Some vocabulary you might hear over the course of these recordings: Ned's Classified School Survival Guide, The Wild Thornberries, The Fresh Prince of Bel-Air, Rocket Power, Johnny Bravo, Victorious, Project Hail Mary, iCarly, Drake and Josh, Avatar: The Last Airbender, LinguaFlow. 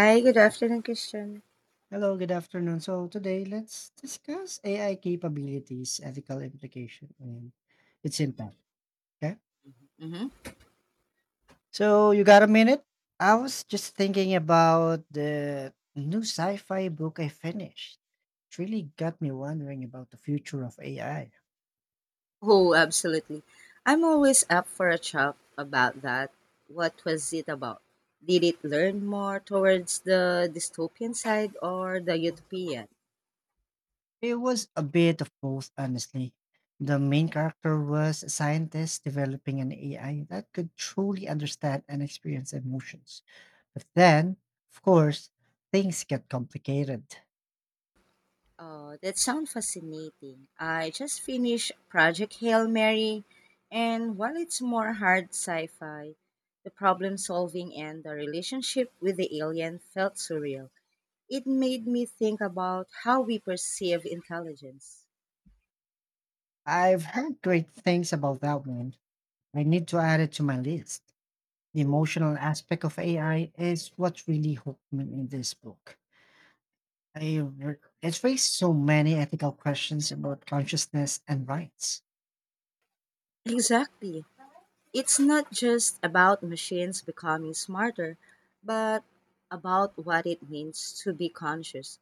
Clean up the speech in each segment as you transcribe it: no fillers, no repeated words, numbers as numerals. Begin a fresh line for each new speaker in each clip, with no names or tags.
Hi, good afternoon, Christian.
Hello, good afternoon. So today let's discuss AI capabilities, ethical implication, and its impact. Okay.
Mm-hmm.
So you got a minute? I was just thinking about the new sci-fi book I finished. It really got me wondering about the future of AI.
Oh, absolutely. I'm always up for a chat about that. What was it about? Did it learn more towards the dystopian side or the utopian?
It was a bit of both, honestly. The main character was a scientist developing an AI that could truly understand and experience emotions. But then, of course, things get complicated.
Oh, that sounds fascinating. I just finished Project Hail Mary, and while it's more hard sci fi, the problem solving and the relationship with the alien felt surreal. It made me think about how we perceive intelligence.
I've heard great things about that one. I need to add it to my list. The emotional aspect of AI is what really hooked me in this book. I re- it's raised so many ethical questions about consciousness and rights.
Exactly. It's not just about machines becoming smarter, but about what it means to be conscious.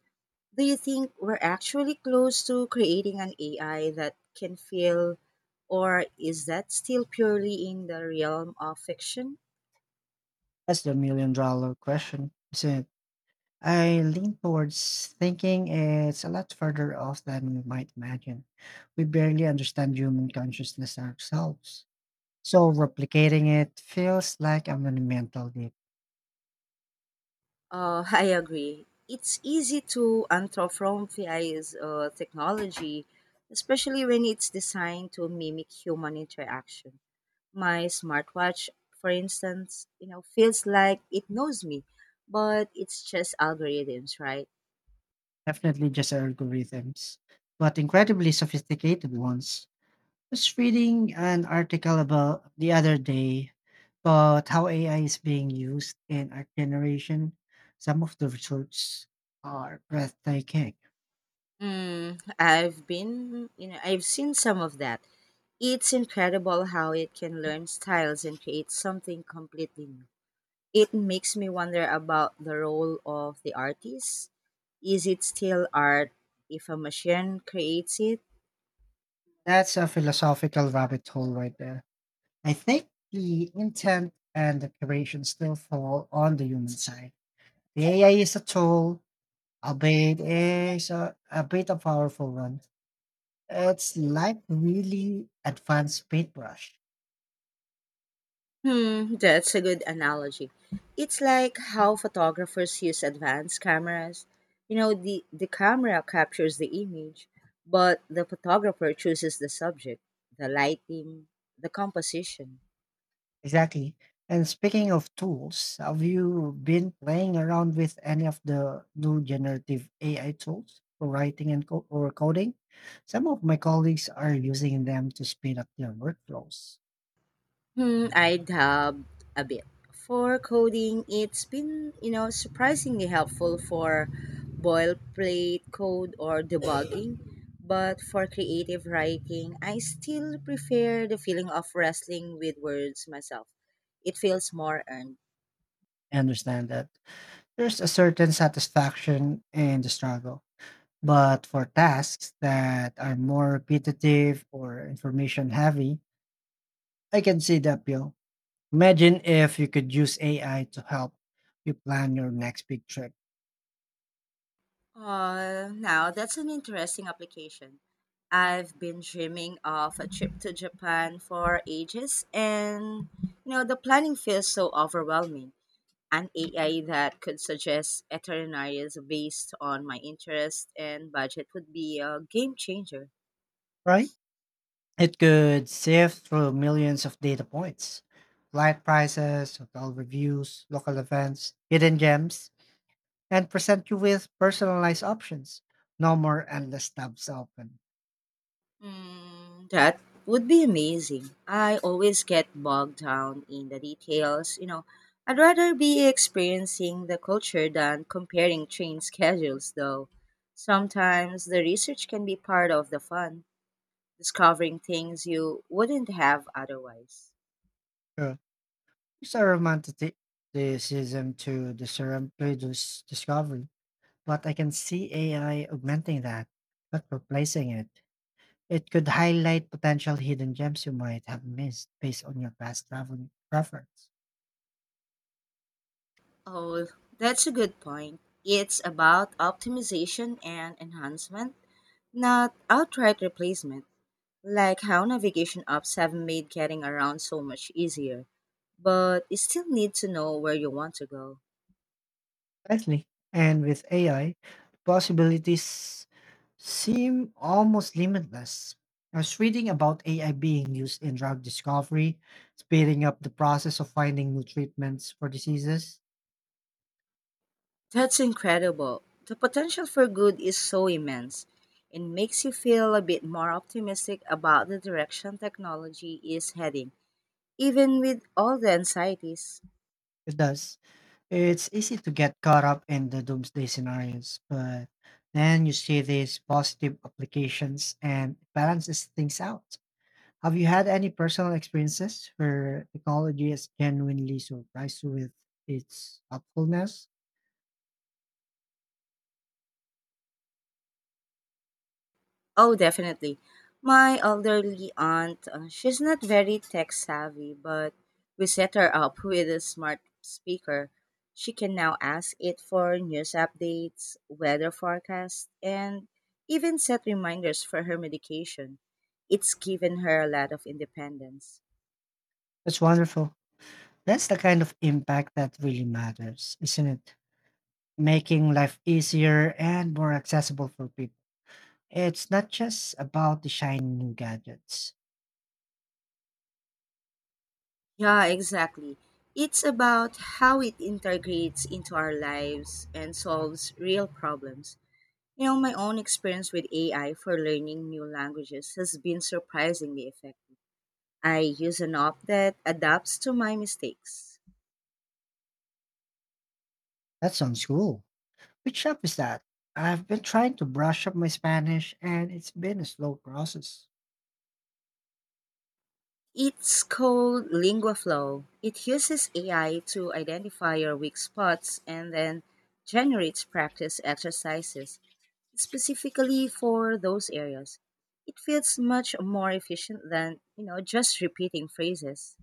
Do you think we're actually close to creating an AI that can feel, or is that still purely in the realm of fiction?
That's the million dollar question, isn't it? I lean towards thinking it's a lot further off than we might imagine. We barely understand human consciousness ourselves. So replicating it feels like a monumental leap.
I agree. It's easy to anthropomorphize technology, especially when it's designed to mimic human interaction. My smartwatch, for instance, feels like it knows me, but it's just algorithms, right?
Definitely just algorithms, but incredibly sophisticated ones. Was reading an article about the other day about how AI is being used in art generation. Some of the results are breathtaking.
Mm, I've been, you know, I've seen some of that. It's incredible how it can learn styles and create something completely new. It makes me wonder about the role of the artist. Is it still art if a machine creates it?
That's a philosophical rabbit hole right there. I think the intent and the creation still fall on the human side. The AI is a tool, albeit is a bit a powerful one. It's like really advanced paintbrush.
Hmm, that's a good analogy. It's like how photographers use advanced cameras. You know, the camera captures the image, but the photographer chooses the subject, the lighting, the composition.
Exactly. And speaking of tools, have you been playing around with any of the new generative AI tools for writing and or coding? Some of my colleagues are using them to speed up their workflows.
Hmm, I dabbed a bit. For coding, it's been surprisingly helpful for boilerplate code or debugging. But for creative writing, I still prefer the feeling of wrestling with words myself. It feels more earned.
I understand that there's a certain satisfaction in the struggle, but for tasks that are more repetitive or information heavy, I can see the appeal. Imagine if you could use AI to help you plan your next big trip,
Now, that's an interesting application. I've been dreaming of a trip to Japan for ages, and, the planning feels so overwhelming. An AI that could suggest itineraries based on my interest and budget would be a game changer.
right? It could sift through millions of data points, flight prices, hotel reviews, local events, hidden gems, and present you with personalized options. No more endless tabs open.
Mm, that would be amazing. I always get bogged down in the details. I'd rather be experiencing the culture than comparing train schedules, though. Sometimes the research can be part of the fun, discovering things you wouldn't have otherwise.
Sure. It's a romanticism to the serendipitous discovery. But I can see AI augmenting that, not replacing it. It could highlight potential hidden gems you might have missed based on your past travel preference.
Oh, that's a good point. It's about optimization and enhancement, not outright replacement, like how navigation apps have made getting around so much easier. But you still need to know where you want to go.
Exactly. And with AI, possibilities seem almost limitless. I was reading about AI being used in drug discovery, speeding up the process of finding new treatments for diseases.
That's incredible. The potential for good is so immense. It makes you feel a bit more optimistic about the direction technology is heading, even with all the anxieties.
It does. It's easy to get caught up in the doomsday scenarios, but then you see these positive applications and it balances things out. Have you had any personal experiences where technology has genuinely surprised you with its helpfulness?
Oh, definitely. My elderly aunt, she's not very tech savvy, but we set her up with a smart speaker. She can now ask it for news updates, weather forecasts, and even set reminders for her medication. It's given her a lot of independence.
That's wonderful. That's the kind of impact that really matters, isn't it? Making life easier and more accessible for people. It's not just about the shiny new gadgets.
Yeah, exactly. It's about how it integrates into our lives and solves real problems. You know, my own experience with AI for learning new languages has been surprisingly effective. I use an app that adapts to my mistakes.
That sounds cool. Which app is that? I've been trying to brush up my Spanish and it's been a slow process.
It's called LinguaFlow. It uses AI to identify your weak spots and then generates practice exercises specifically for those areas. It feels much more efficient than just repeating phrases.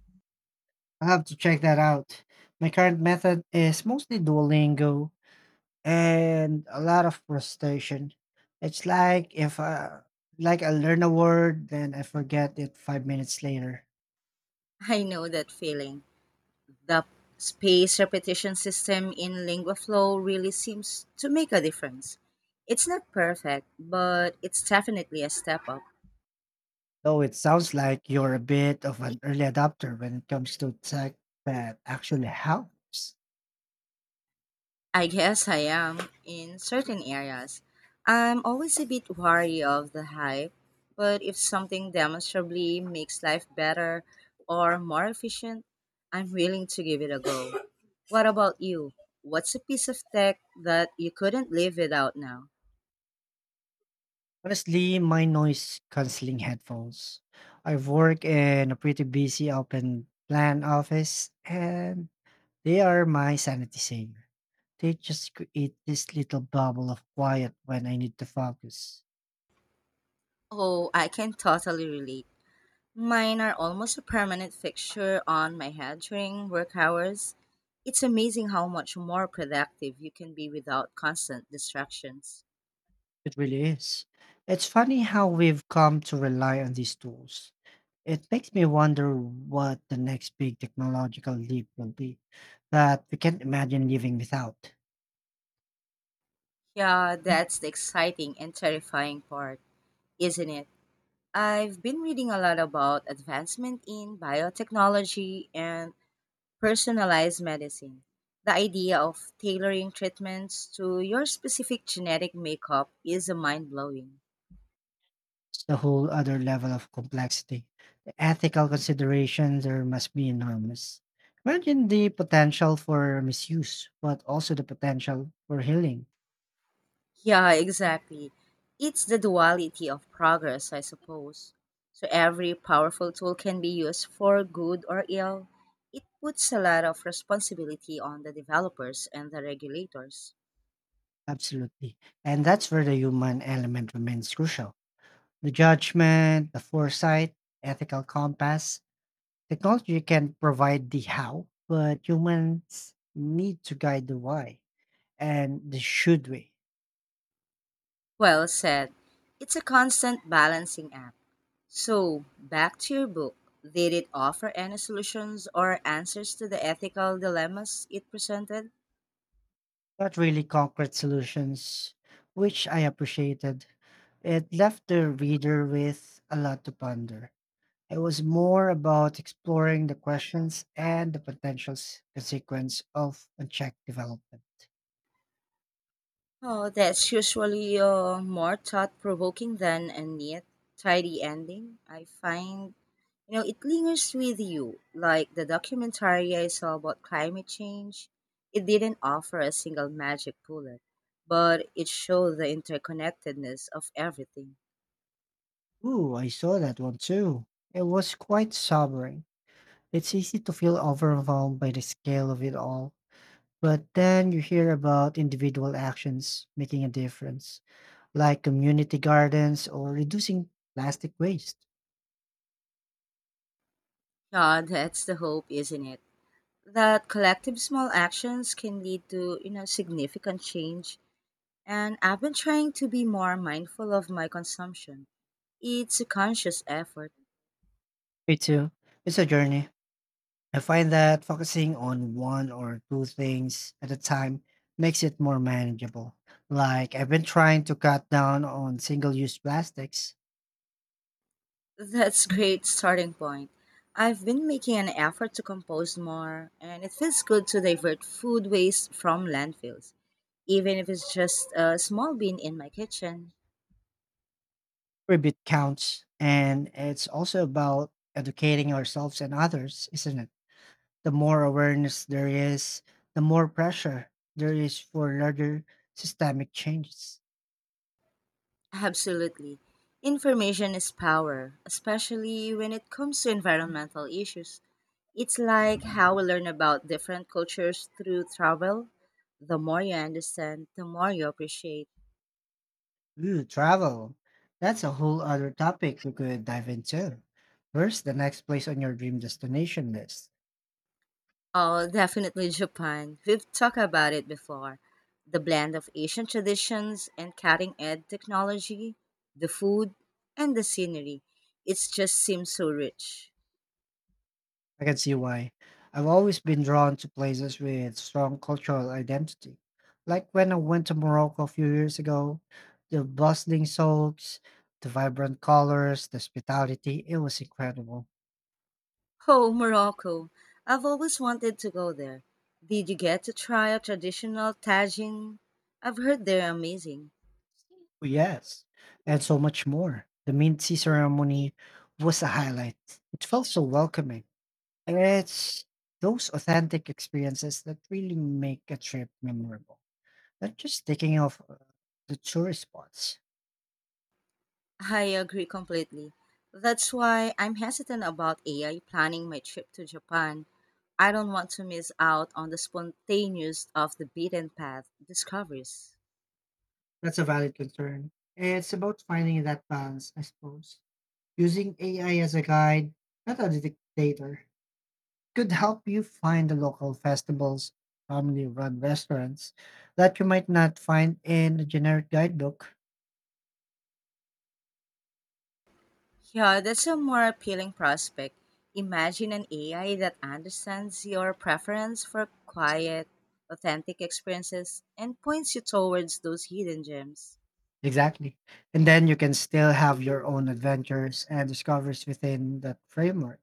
I have to check that out. My current method is mostly Duolingo and a lot of frustration. It's like if I like I learn a word, then I forget it 5 minutes later.
I know that feeling. The space repetition system in LinguaFlow really seems to make a difference. It's not perfect, but it's definitely a step up.
Though it sounds like you're a bit of an early adopter when it comes to tech that actually helps.
I guess I am in certain areas. I'm always a bit wary of the hype, but if something demonstrably makes life better or more efficient, I'm willing to give it a go. What about you? What's a piece of tech that you couldn't live without now?
Honestly, my noise canceling headphones. I work in a pretty busy open plan office and they are my sanity saver. They just create this little bubble of quiet when I need to focus.
Oh, I can totally relate. Mine are almost a permanent fixture on my head during work hours. It's amazing how much more productive you can be without constant distractions.
It really is. It's funny how we've come to rely on these tools. It makes me wonder what the next big technological leap will be that we can't imagine living without.
Yeah, that's the exciting and terrifying part, isn't it? I've been reading a lot about advancement in biotechnology and personalized medicine. The idea of tailoring treatments to your specific genetic makeup is mind blowing.
It's a whole other level of complexity. The ethical considerations there must be enormous. Imagine the potential for misuse, but also the potential for healing.
Yeah, exactly. It's the duality of progress, I suppose. So every powerful tool can be used for good or ill. It puts a lot of responsibility on the developers and the regulators.
Absolutely. And that's where the human element remains crucial. The judgment, the foresight, ethical compass, technology can provide the how, but humans need to guide the why and the should we.
Well said. It's a constant balancing act. So, back to your book. Did it offer any solutions or answers to the ethical dilemmas it presented?
Not really concrete solutions, which I appreciated. It left the reader with a lot to ponder. It was more about exploring the questions and the consequence of unchecked development.
Oh, that's usually more thought provoking than a neat, tidy ending. I find. It lingers with you. Like the documentary I saw about climate change, it didn't offer a single magic bullet, but it showed the interconnectedness of everything.
Ooh, I saw that one too. It was quite sobering. It's easy to feel overwhelmed by the scale of it all. But then you hear about individual actions making a difference, like community gardens or reducing plastic waste.
Yeah, that's the hope, isn't it? That collective small actions can lead to significant change. And I've been trying to be more mindful of my consumption. It's a conscious effort.
Me too. It's a journey. I find that focusing on one or two things at a time makes it more manageable. Like I've been trying to cut down on single use plastics,
That's great starting point. I've been making an effort to compose more, and it feels good to divert food waste from landfills, even if it's just a small bin in my kitchen.
every bit counts. And it's also about educating ourselves and others, isn't it? The more awareness there is, the more pressure there is for larger systemic changes.
Absolutely. Information is power, especially when it comes to environmental issues. It's like how we learn about different cultures through travel. The more you understand, the more you appreciate.
Ooh, travel. That's a whole other topic we could dive into. Where's the next place on your dream destination list?
Oh, definitely Japan. We've talked about it before. The blend of Asian traditions and cutting edge technology, the food, and the scenery. It just seems so rich.
I can see why. I've always been drawn to places with strong cultural identity. Like when I went to Morocco a few years ago, the bustling souks, the vibrant colors, the hospitality, it was incredible.
Oh, Morocco. I've always wanted to go there. Did you get to try a traditional tagine? I've heard they're amazing.
Yes, and so much more. The mint tea ceremony was a highlight. It felt so welcoming. And it's those authentic experiences that really make a trip memorable. Not just taking off the tourist spots.
I agree completely. That's why I'm hesitant about AI planning my trip to Japan. I don't want to miss out on the spontaneous of the beaten path discoveries.
That's a valid concern. It's about finding that balance, I suppose. Using AI as a guide, not a dictator, could help you find the local festivals, family run restaurants that you might not find in a generic guidebook.
Yeah, that's a more appealing prospect. Imagine an AI that understands your preference for quiet, authentic experiences and points you towards those hidden gems.
Exactly. And then you can still have your own adventures and discoveries within that framework.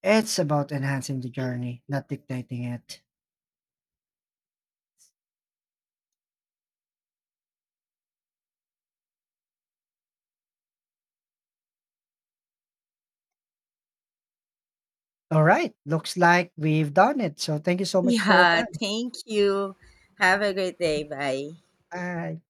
It's about enhancing the journey, not dictating it. All right. Looks like we've done it. So thank you so much for your
Yeah,
time.
thank you. Have a great day. Bye.
Bye.